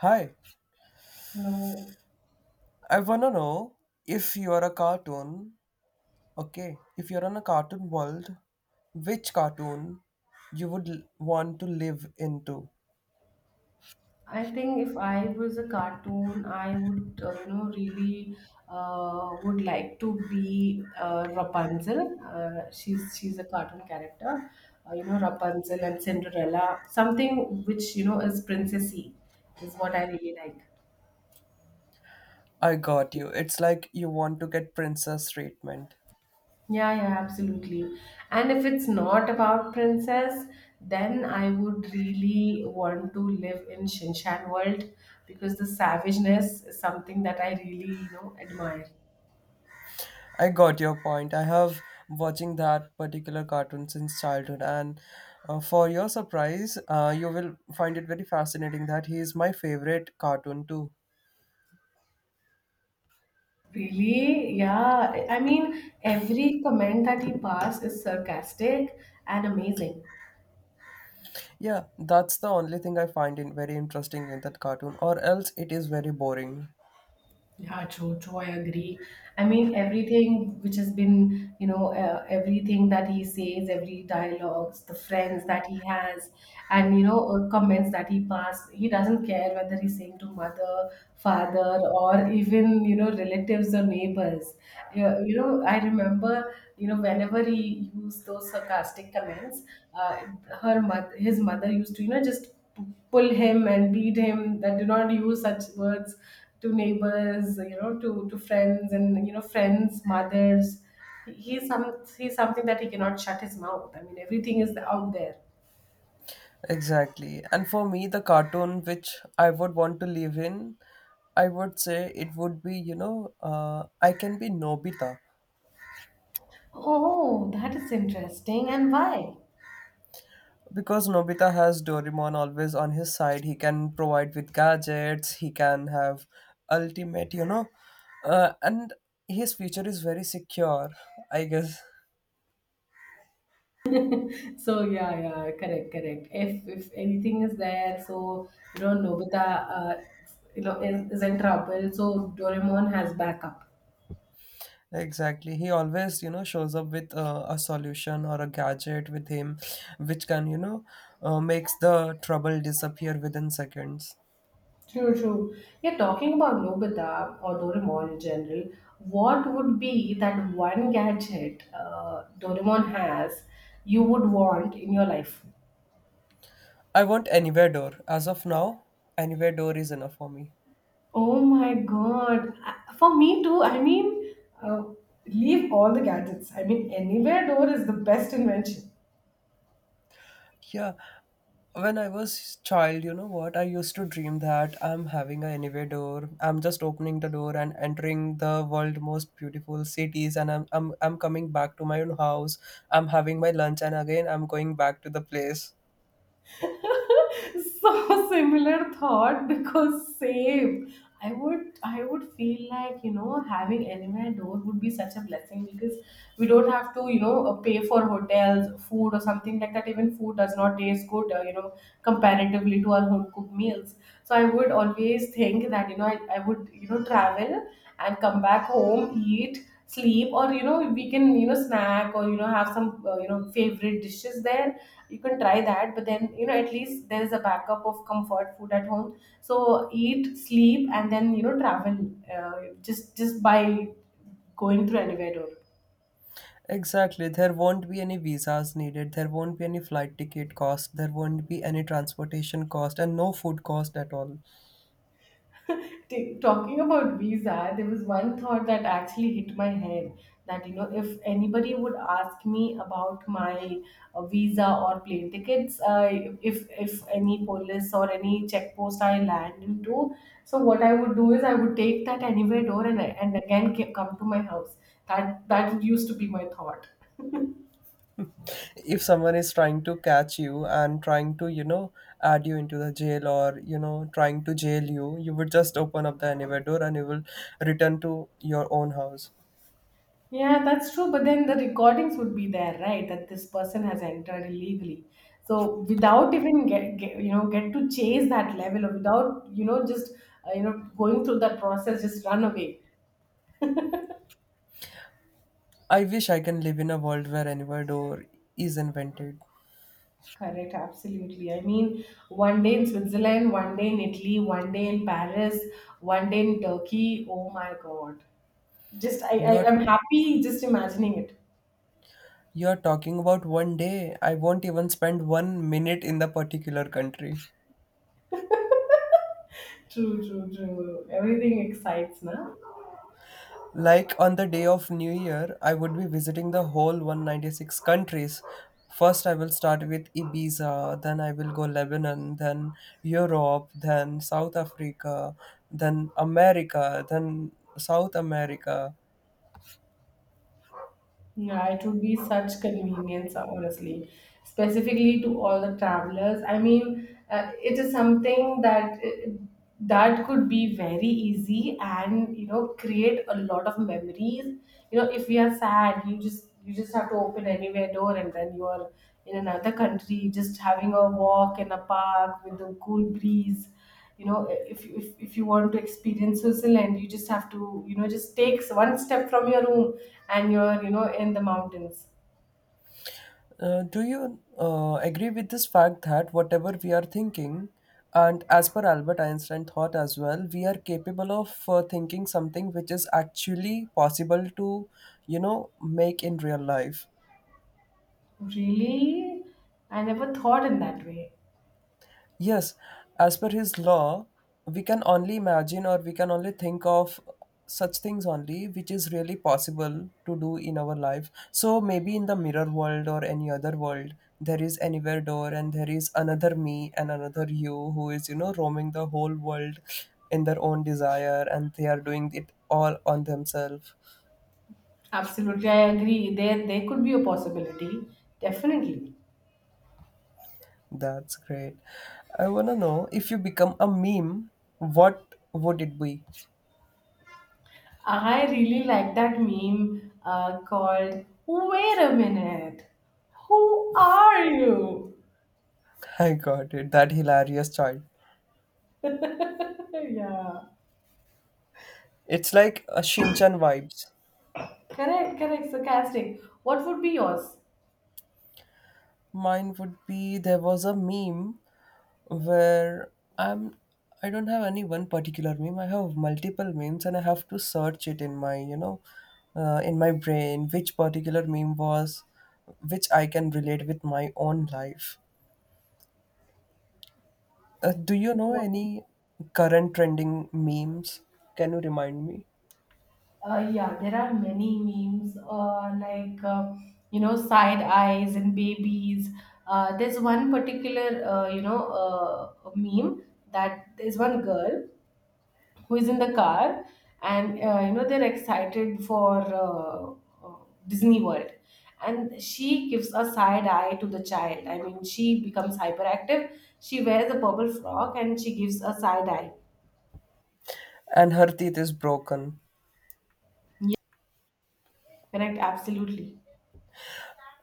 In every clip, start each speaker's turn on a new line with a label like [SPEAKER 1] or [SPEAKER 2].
[SPEAKER 1] Hi,
[SPEAKER 2] Hello.
[SPEAKER 1] I wanna know if you're a cartoon, okay, if you're on a cartoon world, which cartoon you would want to live into?
[SPEAKER 2] I think if I was a cartoon, I would really would like to be Rapunzel. She's a cartoon character, Rapunzel and Cinderella. Something which is princessy is what I really like.
[SPEAKER 1] I got you. It's like you want to get princess treatment.
[SPEAKER 2] Yeah, yeah, absolutely. And if it's not about princess, then I would really want to live in Shinshan world because the savageness is something that I really, admire.
[SPEAKER 1] I got your point. I have watching that particular cartoon since childhood, and for your surprise, you will find it very fascinating that he is my favorite cartoon too.
[SPEAKER 2] Really? Yeah. I mean, every comment that he passed is sarcastic and amazing.
[SPEAKER 1] Yeah, that's the only thing I find in very interesting in that cartoon, or else it is very boring.
[SPEAKER 2] Yeah, true, true. I agree. I mean, everything which has been, you know, everything that he says, every dialogues, the friends that he has, and, comments that he passed, he doesn't care whether he's saying to mother, father, or even, relatives or neighbors. Yeah, I remember, whenever he used those sarcastic comments, uh, his mother used to, just pull him and beat him that do not use such words to neighbors, to friends, and friends mothers. He, he's some he's something that he cannot shut his mouth. I mean, everything is out there.
[SPEAKER 1] Exactly. And for me, the cartoon which I would want to live in, I would say it would be, you know, I can be Nobita.
[SPEAKER 2] Oh, that is interesting, and why?
[SPEAKER 1] Because Nobita has Doraemon always on his side. He can provide with gadgets, he can have ultimate, you know, and his future is very secure, I guess.
[SPEAKER 2] So, yeah, yeah, correct, correct, if anything is there. So, Nobita, uh, is in trouble, so Doraemon has backup.
[SPEAKER 1] Exactly. He always, you know, shows up with a solution or a gadget with him, which can, you know, makes the trouble disappear within seconds.
[SPEAKER 2] True, true. Yeah, talking about Nobita or Doraemon in general, what would be that one gadget Doraemon has you would want in your life?
[SPEAKER 1] I want anywhere door. As of now, anywhere door is enough for me.
[SPEAKER 2] Oh my god. For me too, I mean, uh, leave all the gadgets. I mean, anywhere door is the best invention.
[SPEAKER 1] Yeah. When I was child, you know what? I used to dream that I'm having a anywhere door. I'm just opening the door and entering the world most beautiful cities, and I'm coming back to my own house. I'm having my lunch, and again I'm going back to the place.
[SPEAKER 2] So, similar thought, because same, I would feel like, having anywhere door would be such a blessing, because we don't have to, pay for hotels, food, or something like that. Even food does not taste good, comparatively to our home cooked meals. So I would always think that, I would, travel and come back home, eat, sleep, or we can, snack, or have some, favorite dishes there. You can try that, but then, at least there is a backup of comfort food at home, so eat, sleep, and then, travel, just by going through elevator.
[SPEAKER 1] Exactly. There won't be any visas needed. There won't be any flight ticket cost. There won't be any transportation cost and no food cost at all.
[SPEAKER 2] Talking about visa, there was one thought that actually hit my head, that, if anybody would ask me about my, visa or plane tickets, if any police or any check post I land into, so what I would do is I would take that anywhere door and again come to my house. That used to be my thought.
[SPEAKER 1] If someone is trying to catch you and trying to, you know, add you into the jail or, you know, trying to jail you, you would just open up the anywhere door and you will return to your own house.
[SPEAKER 2] Yeah, that's true. But then the recordings would be there, right? That this person has entered illegally. So, without even get you know get to chase that level, or without just going through that process, just run away.
[SPEAKER 1] I wish I can live in a world where anywhere door is invented.
[SPEAKER 2] Correct, absolutely. I mean, one day in Switzerland, one day in Italy, one day in Paris, one day in Turkey. Oh my God! Just I, I
[SPEAKER 1] You're
[SPEAKER 2] I'm happy just imagining it.
[SPEAKER 1] you're talking about one day. I won't even spend one minute in the particular country.
[SPEAKER 2] True, true, true. Everything excites, na.
[SPEAKER 1] Like on the day of New Year, I would be visiting the whole 196 countries. First, I will start with Ibiza, then I will go Lebanon, then Europe, then South Africa, then America, then South America.
[SPEAKER 2] Yeah, it would be such convenience, honestly, specifically to all the travelers. I mean, it is something that that could be very easy and create a lot of memories. You know, if we are sad, you just have to open anywhere door and then you are in another country, just having a walk in a park with the cool breeze. If you want to experience Switzerland, you just have to, just take one step from your room, and you're, in the mountains.
[SPEAKER 1] Do you agree with this fact that whatever we are thinking, and as per Albert Einstein thought as well, we are capable of thinking something which is actually possible to, you know, make in real life?
[SPEAKER 2] Really? I never thought in that way.
[SPEAKER 1] Yes, as per his law, we can only imagine or we can only think of such things only which is really possible to do in our life. So maybe in the mirror world or any other world, there is anywhere door and there is another me and another you who is, you know, roaming the whole world in their own desire and they are doing it all on themselves.
[SPEAKER 2] Absolutely, I agree, there could be a possibility, definitely.
[SPEAKER 1] That's great. I wanna know if you become a meme, what would it be?
[SPEAKER 2] I really like that meme, called "Wait a minute, who are you?"
[SPEAKER 1] I got it. That hilarious child.
[SPEAKER 2] Yeah,
[SPEAKER 1] It's like a Shinchan vibes.
[SPEAKER 2] correct, correct, sarcastic. What would be yours?
[SPEAKER 1] Mine would be there was a meme where I'm I don't have any one particular meme. I have multiple memes and I have to search it in my you know in my brain which particular meme was which I can relate with my own life. Do you know any current trending memes? Can you remind me?
[SPEAKER 2] Yeah, there are many memes, like, side eyes and babies. There's one particular, meme, that there's one girl who is in the car, and they're excited for, uh, Disney World, and she gives a side eye to the child. I mean, she becomes hyperactive. She wears a purple frock and she gives a side eye.
[SPEAKER 1] And her teeth is broken.
[SPEAKER 2] Yeah, correct, absolutely.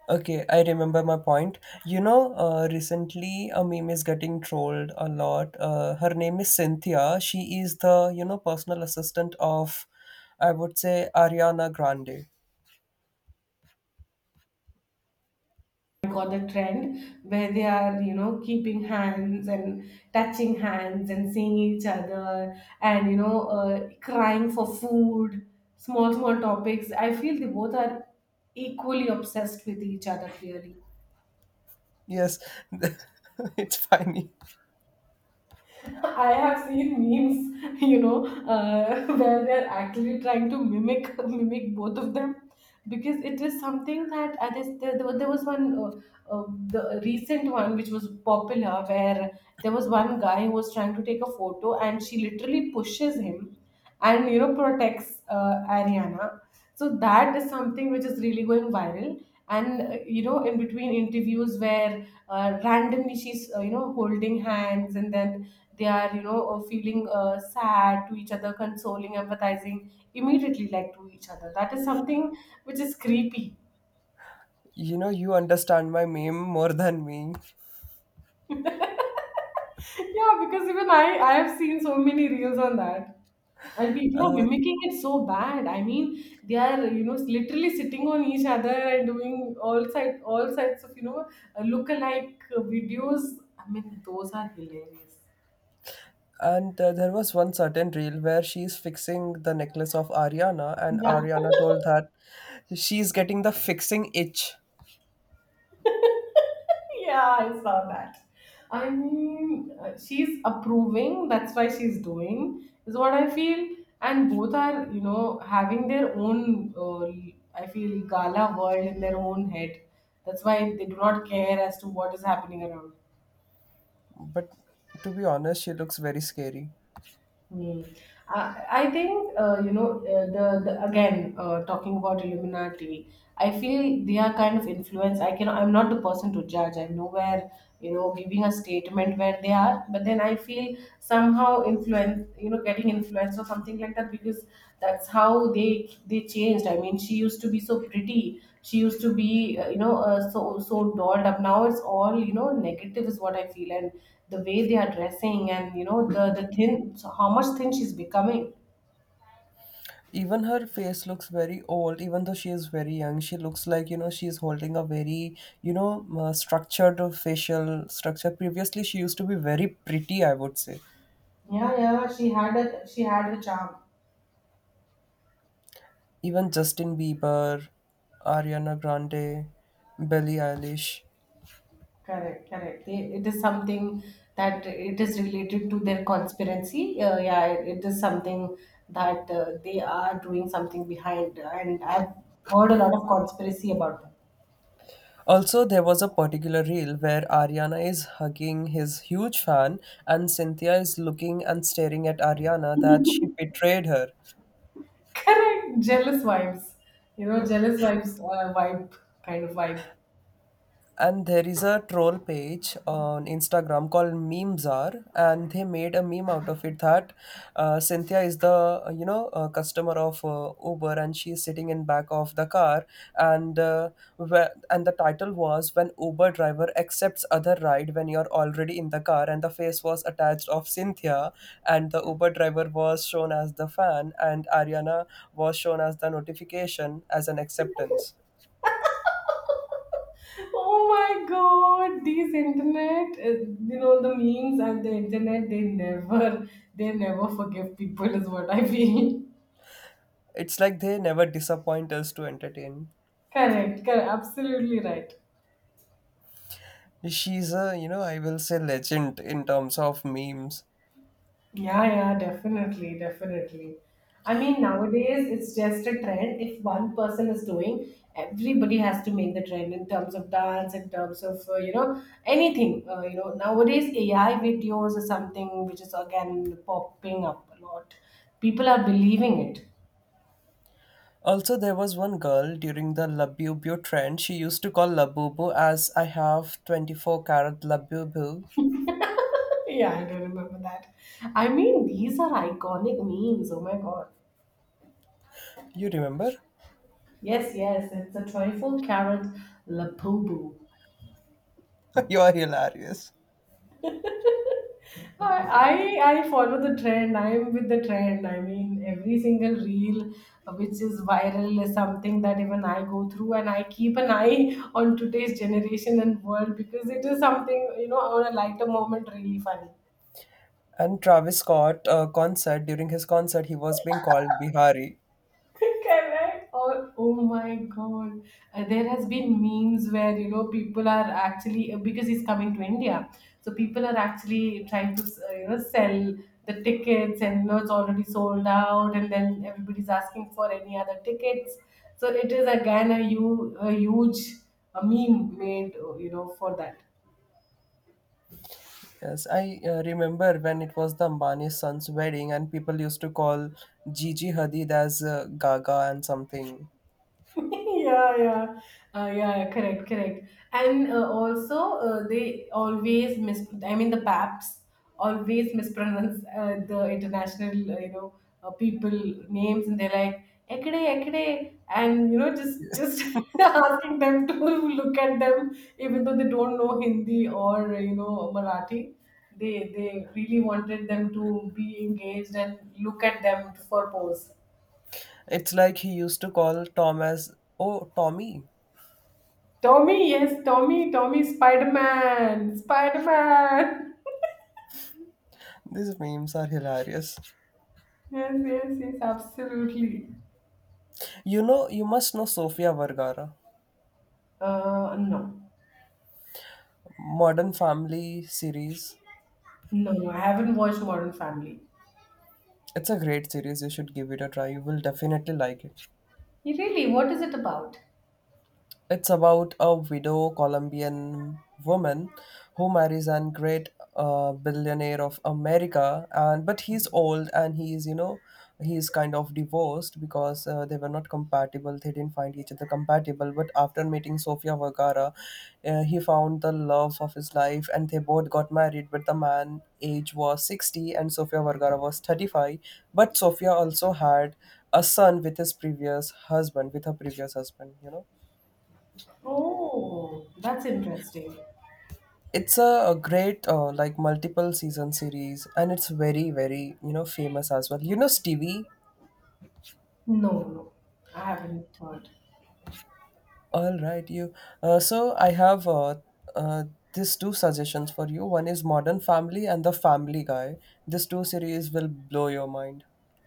[SPEAKER 1] Okay, I remember my point. You know, recently a meme is getting trolled a lot. Her name is Cynthia. She is the, you know, personal assistant of, I would say, Ariana Grande.
[SPEAKER 2] Got the trend where they are, keeping hands and touching hands and seeing each other, and crying for food, small small topics. I feel they both are equally obsessed with each other, clearly.
[SPEAKER 1] Yes, it's funny.
[SPEAKER 2] I have seen memes, where they're actually trying to mimic mimic both of them, because it is something that, I guess, there was one, the recent one, which was popular, where there was one guy who was trying to take a photo, and she literally pushes him and protects, Ariana. So that is something which is really going viral. And in between interviews where, randomly she's, holding hands, and then they are, feeling, sad to each other, consoling, empathizing immediately, like, to each other. That is something which is creepy.
[SPEAKER 1] You know, you understand my meme more than me.
[SPEAKER 2] Yeah, because even I have seen so many reels on that, and people are
[SPEAKER 1] Uh,
[SPEAKER 2] mimicking it so bad, I mean. They are, literally sitting on each other and doing all sides of, look alike videos. I mean, those are hilarious.
[SPEAKER 1] and there was one certain reel where she is fixing the necklace of Ariana, and Ariana told that she is getting the fixing itch.
[SPEAKER 2] Yeah, I saw that. I mean, she's approving, that's why she's doing, is what I feel. And both are, having their own, I feel, gala world in their own head. That's why they do not care as to what is happening around.
[SPEAKER 1] But to be honest, she looks very scary.
[SPEAKER 2] Mm. I think, the again, talking about Illuminati. I feel they are kind of influence. I'm not the person to judge. I'm nowhere, giving a statement where they are, but then I feel somehow influence, getting influence or something like that, because that's how they they changed. I mean, she used to be so pretty. She used to be, so dolled up. Now it's all, negative, is what I feel. And the way they are dressing and, the thin, so how much thin she's becoming.
[SPEAKER 1] Even her face looks very old even though she is very young. She looks like, you know, she's holding a very, you know, structured facial structure. Previously she used to be very pretty, I would say.
[SPEAKER 2] Yeah, yeah, she had a charm.
[SPEAKER 1] Even Justin Bieber, Ariana Grande, Billie Eilish.
[SPEAKER 2] Correct, correct. It is something that it is related to their conspiracy. Yeah, it is something that, they are doing something behind, and I've heard a lot of conspiracy about them.
[SPEAKER 1] Also there was a particular reel where Ariana is hugging his huge fan and Cynthia is looking and staring at Ariana that she betrayed her.
[SPEAKER 2] Correct, jealous vibes. You know, jealous vibes, vibe, kind of vibe.
[SPEAKER 1] And there is a troll page on Instagram called Memezar, and they made a meme out of it that Cynthia is the customer of Uber, and she is sitting in back of the car, and and the title was when Uber driver accepts other ride when you're already in the car, and the face was attached of Cynthia, and the Uber driver was shown as the fan, and Ariana was shown as the notification as an acceptance.
[SPEAKER 2] Oh my god, these internet, the memes and the internet, they never forgive people, is what I feel.
[SPEAKER 1] It's like they never disappoint us to entertain.
[SPEAKER 2] Correct, correct, absolutely right.
[SPEAKER 1] She's a, you know, I will say legend in terms of memes.
[SPEAKER 2] Yeah, yeah, definitely, definitely. I mean, nowadays it's just a trend. If one person is doing, everybody has to make the trend in terms of dance, in terms of, anything. Nowadays AI videos is something which is again popping up a lot. People are believing it.
[SPEAKER 1] Also, there was one girl during the Labubu trend. She used to call Labubu as I have 24-carat carat Labubu.
[SPEAKER 2] Yeah, I do remember that. I mean, these are iconic memes. Oh my god.
[SPEAKER 1] You remember?
[SPEAKER 2] Yes, yes, it's a 24 carat lapubu.
[SPEAKER 1] You are hilarious.
[SPEAKER 2] I follow the trend. I'm with the trend. I mean, every single reel, which is viral, is something that even I go through, and I keep an eye on today's generation and world, because it is something, on a lighter moment, really funny.
[SPEAKER 1] And Travis Scott concert during his concert, he was being called Bihari.
[SPEAKER 2] Correct. Oh my god. There has been memes where, people are actually, because he's coming to India, so people are actually trying to, sell the tickets, and, it's already sold out, and then everybody's asking for any other tickets. So it is again a, hu- a huge a meme made, for that.
[SPEAKER 1] Yes, I remember when it was the Ambani's son's wedding, and people used to call Gigi Hadid as Gaga and something.
[SPEAKER 2] Yeah, yeah, yeah, yeah, correct, correct, and also, they always mis I mean, the paps always mispronounce, the international, people names, and they're like, ekade ekade, and, just asking them to look at them, even though they don't know Hindi or, Marathi. They really wanted them to be engaged and look at them for pose.
[SPEAKER 1] It's like he used to call Tom as, oh, Tommy.
[SPEAKER 2] Tommy, yes, Tommy, Tommy, Spider Man, Spider Man.
[SPEAKER 1] These memes are hilarious.
[SPEAKER 2] Yes, yes, yes, absolutely.
[SPEAKER 1] You know, you must know Sofia Vergara,
[SPEAKER 2] No,
[SPEAKER 1] Modern Family series.
[SPEAKER 2] no, no, I haven't watched Modern Family.
[SPEAKER 1] It's a great series. You should give it a try. You will definitely like it.
[SPEAKER 2] Really, what is it about?
[SPEAKER 1] It's about a widow Colombian woman who marries a great billionaire of America, and but he's old and he's, you know, he's kind of divorced because they were not compatible. They didn't find each other compatible. But after meeting Sofia Vergara, he found the love of his life, and they both got married. But the man age was 60, and Sofia Vergara was 35. But Sofia also had a son with his previous husband, with her previous husband. You know.
[SPEAKER 2] Oh, that's interesting.
[SPEAKER 1] It's a great like multiple season series, and it's very very, you know, famous as well. You know Stevie.
[SPEAKER 2] No, no, I haven't heard.
[SPEAKER 1] All right, you. So I have uh, these two suggestions for you. One is Modern Family and The Family Guy. These two series will blow your mind.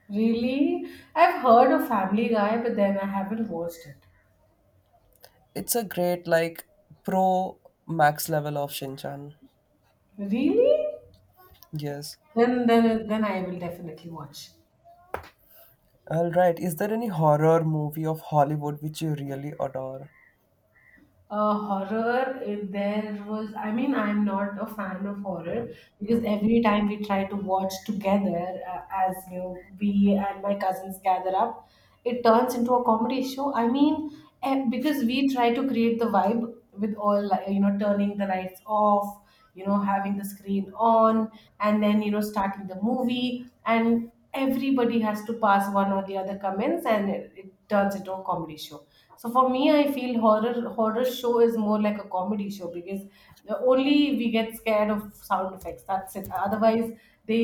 [SPEAKER 2] Really? I've heard of Family Guy, but then I haven't watched it.
[SPEAKER 1] It's a great like pro max level of Shinchan.
[SPEAKER 2] Really?
[SPEAKER 1] Yes.
[SPEAKER 2] Then I will definitely watch.
[SPEAKER 1] All right. Is there any horror movie of Hollywood which you really adore?
[SPEAKER 2] Horror, there was, I mean, I'm not a fan of horror because every time we try to watch together, as you know, we and my cousins gather up, it turns into a comedy show. I mean, because we try to create the vibe with all, like, turning the lights off, having the screen on, and then starting the movie, and everybody has to pass one or the other comments, and it turns into a comedy show. So for me, I feel horror, show is more like a comedy show, because the only we get scared of sound effects, that's it. Otherwise they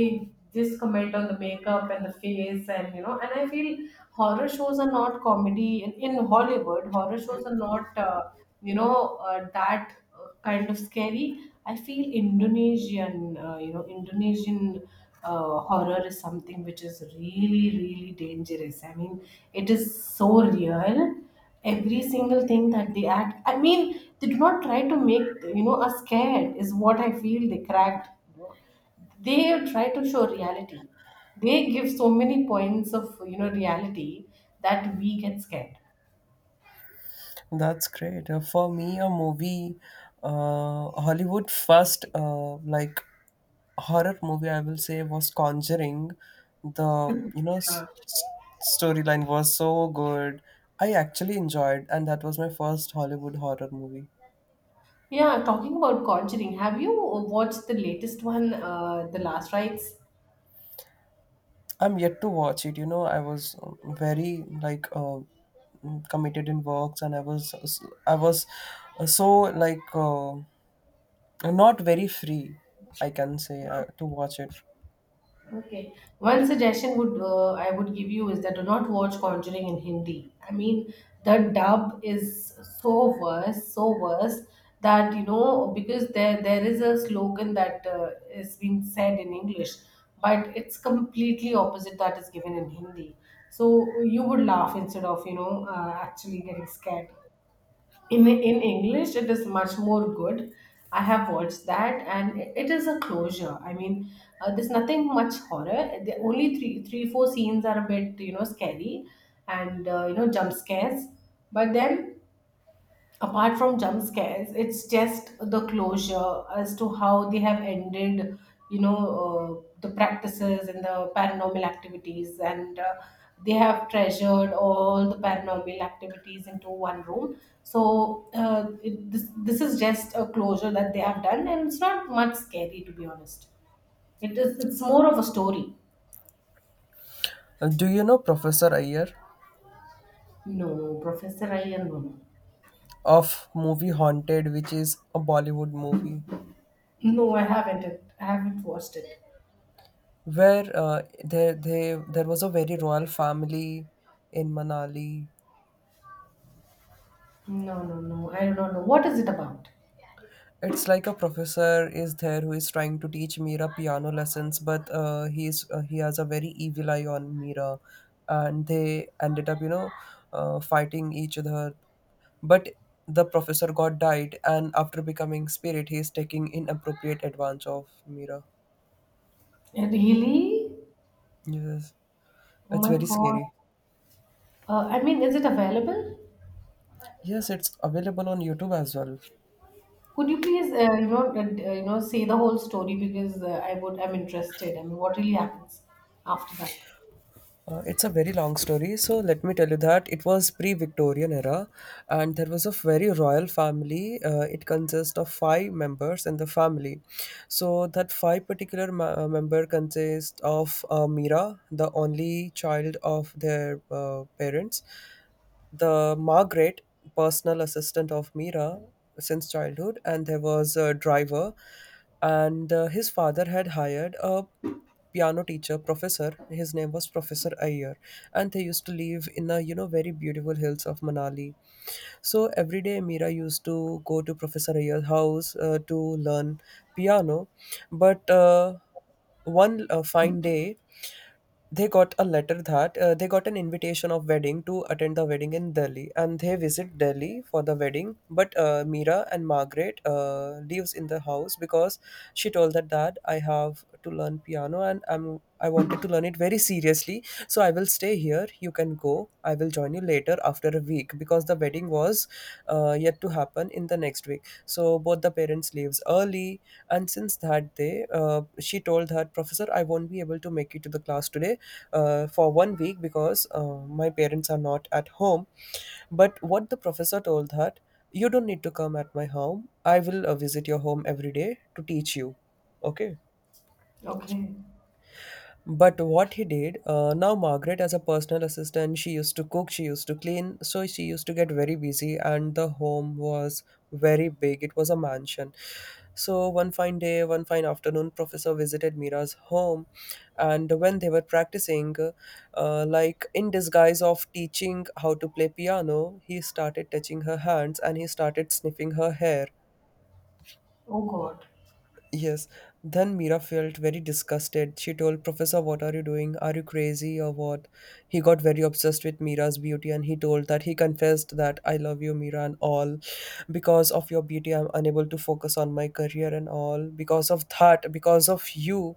[SPEAKER 2] just comment on the makeup and the face, and you know and I feel horror shows are not comedy. In Hollywood horror shows are not that kind of scary. I feel Indonesian, horror is something which is really, really dangerous. I mean, it is so real. Every single thing that they act, I mean, they do not try to make, us scared, is what I feel they cracked. you know. They try to show reality. They give so many points of, reality that we get scared.
[SPEAKER 1] That's great. For me, a movie, Hollywood first, like horror movie, I will say, was Conjuring. The, you know, storyline was so good. I actually enjoyed, and that was my first Hollywood horror movie.
[SPEAKER 2] Yeah, talking about Conjuring, have you watched the latest one, The Last Rites?
[SPEAKER 1] I'm yet to watch it. You know, I was very like committed in works, and I was so like not very free. I can say to watch it.
[SPEAKER 2] Okay. One suggestion would I would give you is that do not watch Conjuring in Hindi. I mean, the dub is so worse that, because there is a slogan that is being said in English, but it's completely opposite that is given in Hindi. So you would laugh instead of actually getting scared. In English it is much more good. I have watched that, and it is a closure. I mean, there's nothing much horror. The only three, four scenes are a bit, scary, and jump scares. But then apart from jump scares it's just the closure as to how they have ended, the practices and the paranormal activities, and they have treasured all the paranormal activities into one room. So this is just a closure that they have done, and it's not much scary, to be honest. It is, it's more of a story.
[SPEAKER 1] Do you know Professor Iyer
[SPEAKER 2] No, professor Ian, no, no.
[SPEAKER 1] of movie Haunted, which is a Bollywood movie
[SPEAKER 2] No, I haven't watched it.
[SPEAKER 1] where there was a very royal family in Manali?
[SPEAKER 2] No, no, no, I do not know what is it about.
[SPEAKER 1] It's like a professor is there who is trying to teach Mira piano lessons, but he has a very evil eye on Mira, and they ended up, you know, fighting each other. But the professor got died and after becoming spirit he is taking inappropriate advantage of Mira.
[SPEAKER 2] Really?
[SPEAKER 1] Yes,
[SPEAKER 2] Oh
[SPEAKER 1] it's
[SPEAKER 2] my
[SPEAKER 1] very
[SPEAKER 2] God.
[SPEAKER 1] scary.
[SPEAKER 2] I mean, is it available?
[SPEAKER 1] Yes, it's available on YouTube as well.
[SPEAKER 2] Could you please, say the whole story, because I'm interested. I mean, what really happens after that?
[SPEAKER 1] It's a very long story, so let me tell you that it was pre-Victorian era, and there was a very royal family. It consists of five members in the family, so that five particular member consists of Mira, the only child of their parents, the Margaret, personal assistant of Mira since childhood, and there was a driver, and his father had hired a piano teacher, professor. His name was Professor Ayer, and they used to live in the, you know, very beautiful hills of Manali. So every day, Mira used to go to Professor Ayer's house to learn piano. But one fine day, they got a letter that they got an invitation of wedding to attend the wedding in Delhi, and they visit Delhi for the wedding. But Mira and Margaret lives in the house because she told that, Dad, I have to learn piano and I wanted to learn it very seriously, so I will stay here. You can go. I will join you later after a week because the wedding was yet to happen in the next week. So both the parents leaves early, and since that day, she told her professor, I won't be able to make it to the class today for one week because my parents are not at home. But what the professor told her, You don't need to come at my home. I will visit your home every day to teach you. Okay,
[SPEAKER 2] Okay.
[SPEAKER 1] but what he did, now Margaret as a personal assistant, she used to cook, she used to clean, so she used to get very busy, and the home was very big. It was a mansion. So one fine day, one fine afternoon, Professor visited Mira's home, and when they were practicing, like in disguise of teaching how to play piano, he started touching her hands and he started sniffing her hair.
[SPEAKER 2] Oh God.
[SPEAKER 1] Yes. Then Mira felt very disgusted. She told Professor, what are you doing? Are you crazy or what? He got very obsessed with Mira's beauty and he told that, he confessed that, I love you, Mira, and all. Because of your beauty, I'm unable to focus on my career and all. Because of that, because of you,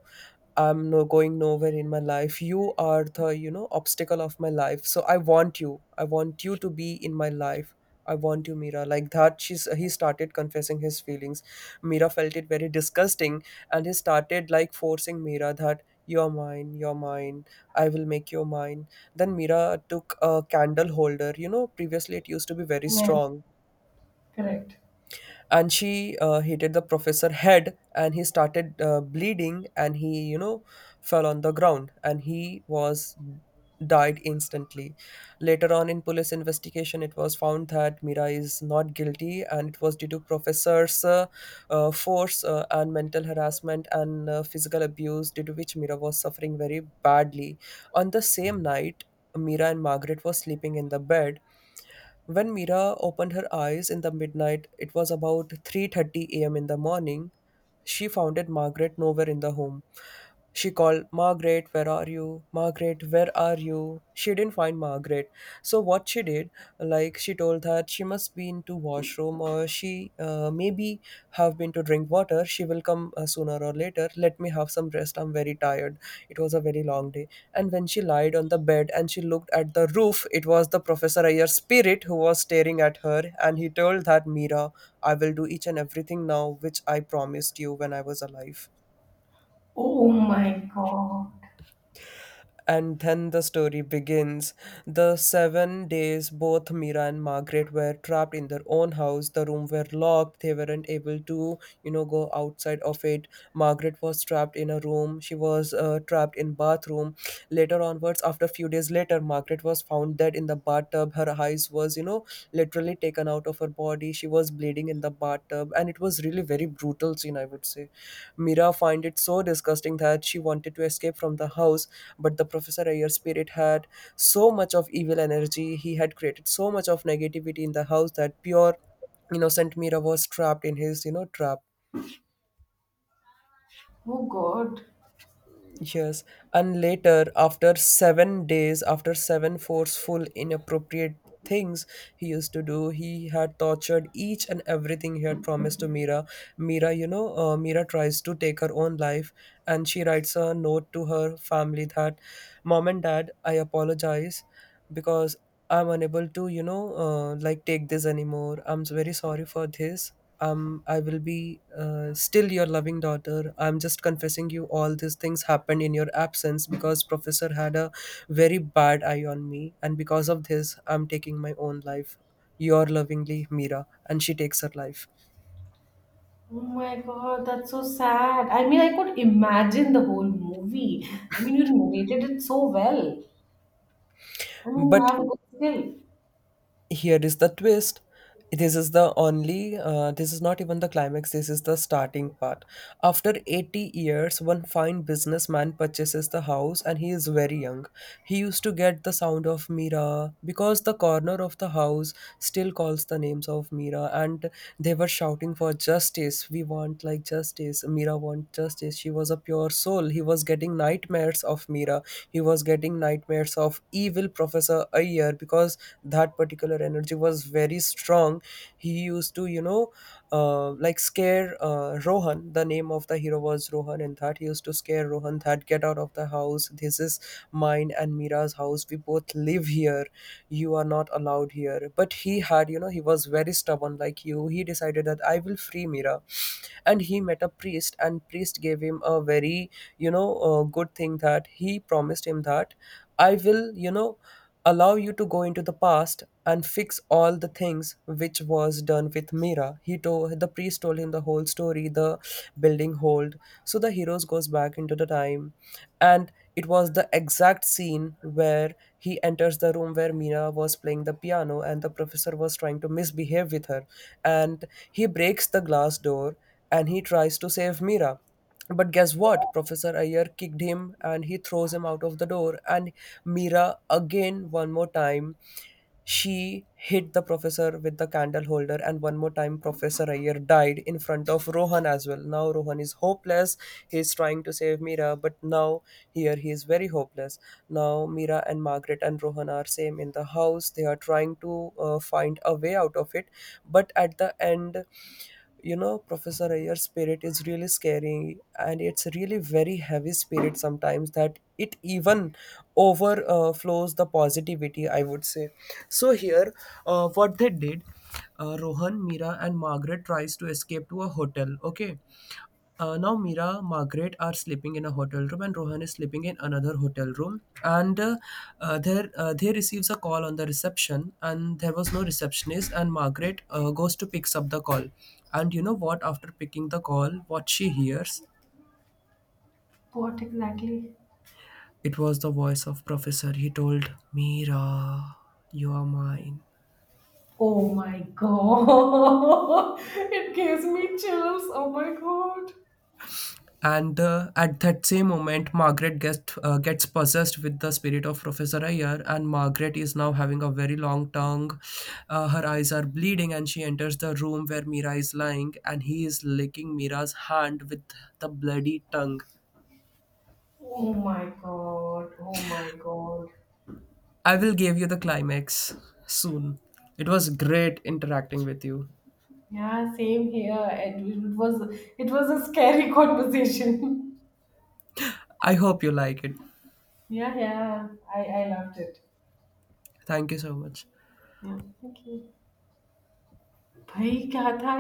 [SPEAKER 1] I'm no going nowhere in my life. You are the, you know, obstacle of my life. So I want you. I want you to be in my life. I want you, Mira. Like that, she's he started confessing his feelings. Mira felt it very disgusting, and he started like forcing Mira that you're mine, you're mine. I will make you mine. Then Mira took a candle holder. You know, previously it used to be very
[SPEAKER 2] Yeah.
[SPEAKER 1] strong,
[SPEAKER 2] Correct.
[SPEAKER 1] and she hit the professor head and he started bleeding and he, you know, fell on the ground and he was died instantly. Later on, in police investigation, it was found that Mira is not guilty and it was due to professor's force and mental harassment and physical abuse, due to which Mira was suffering very badly. On the same night, Mira and Margaret were sleeping in the bed. When Mira opened her eyes in the midnight, it was about 3:30 a.m. in the morning. She found Margaret nowhere in the home. She called, Margaret, where are you? Margaret, where are you? She didn't find Margaret. So what she did, like, she told that she must be into washroom or she maybe have been to drink water. She will come sooner or later. Let me have some rest. I'm very tired. It was a very long day. And when she lied on the bed and she looked at the roof, it was the Professor Ayer's spirit who was staring at her. And he told that, Mira, I will do each and everything now which I promised you when I was alive.
[SPEAKER 2] Oh my God.
[SPEAKER 1] And then the story begins. The 7 days, both Mira and Margaret were trapped in their own house. The room were locked. They weren't able to, you know, go outside of it. Margaret was trapped in a room. She was trapped in bathroom. Later onwards, after a few days later, Margaret was found dead in the bathtub. Her eyes was, you know, literally taken out of her body. She was bleeding in the bathtub, and it was really very brutal scene, I would say. Mira find it so disgusting that she wanted to escape from the house, but the Professor Ayer spirit had so much of evil energy. He had created so much of negativity in the house that pure innocent Mira was trapped in his, you know, trap.
[SPEAKER 2] Oh God.
[SPEAKER 1] Yes, and later, after 7 days, after seven forceful, inappropriate things he used to do, he had tortured each and everything he had promised to Mira. Mira, you know, Mira tries to take her own life, and she writes a note to her family that, Mom and Dad, I apologize because I'm unable to, like take this anymore. I'm very sorry for this. I will be still your loving daughter. I'm just confessing you all these things happened in your absence because professor had a very bad eye on me, and because of this, I'm taking my own life. Your lovingly, Mira. And she takes her life.
[SPEAKER 2] Oh my God. That's so sad. I mean, I could imagine the whole movie. I mean, you narrated it so well. I mean, you
[SPEAKER 1] But
[SPEAKER 2] have a good skill.
[SPEAKER 1] here is the twist. This is the only, this is not even the climax, this is the starting part. After 80 years, one fine businessman purchases the house and he is very young. He used to get the sound of Mira because the corner of the house still calls the names of Mira, and they were shouting for justice. We want like justice. Mira want justice. She was a pure soul. He was getting nightmares of Mira. He was getting nightmares of evil Professor Ayer because that particular energy was very strong. He used to, you know, like scare Rohan. The name of the hero was Rohan. And that he used to scare Rohan that, get out of the house, this is mine and Mira's house, we both live here, you are not allowed here. But he had, you know, he was very stubborn, like you. He decided that I will free Mira. And he met a priest, and priest gave him a very, you know, good thing, that he promised him that I will, you know, allow you to go into the past and fix all the things which was done with Mira. He told the priest, told him the whole story, the building hold. So the heroes goes back into the time, and it was the exact scene where he enters the room where Mina was playing the piano and the professor was trying to misbehave with her, and he breaks the glass door and he tries to save Mira. But guess what? Professor Ayer kicked him and he throws him out of the door. And Mira, again, one more time, she hit the professor with the candle holder, and one more time, Professor Ayer died in front of Rohan as well. Now Rohan is hopeless. He is trying to save Mira, but now here he is very hopeless. Now Mira and Margaret and Rohan are same in the house. They are trying to find a way out of it, but at the end, you know, Professor Ayer's spirit is really scary and it's really very heavy spirit sometimes that it even overflows the positivity, I would say. So here, what they did, Rohan, Mira and Margaret tries to escape to a hotel. Okay, now Mira, Margaret are sleeping in a hotel room, and Rohan is sleeping in another hotel room. And there, they receives a call on the reception, and there was no receptionist. And Margaret goes to picks up the call, and you know what? After picking the call, what she hears,
[SPEAKER 2] What exactly?
[SPEAKER 1] it was the voice of Professor. He told Mira, "You are mine."
[SPEAKER 2] Oh my god. It gives me chills. Oh my god.
[SPEAKER 1] And at that same moment, Margaret gets possessed with the spirit of Professor Ayer, and Margaret is now having a very long tongue. Her eyes are bleeding, and she enters the room where Mira is lying, and he is licking Mira's hand with the bloody tongue.
[SPEAKER 2] Oh my god. Oh my god.
[SPEAKER 1] I will give you the climax soon. It was great interacting with you.
[SPEAKER 2] Yeah, same here. It was a scary conversation.
[SPEAKER 1] I hope you like it.
[SPEAKER 2] Yeah, yeah. I loved it.
[SPEAKER 1] Thank you so much.
[SPEAKER 2] Yeah. Thank you. भाई क्या था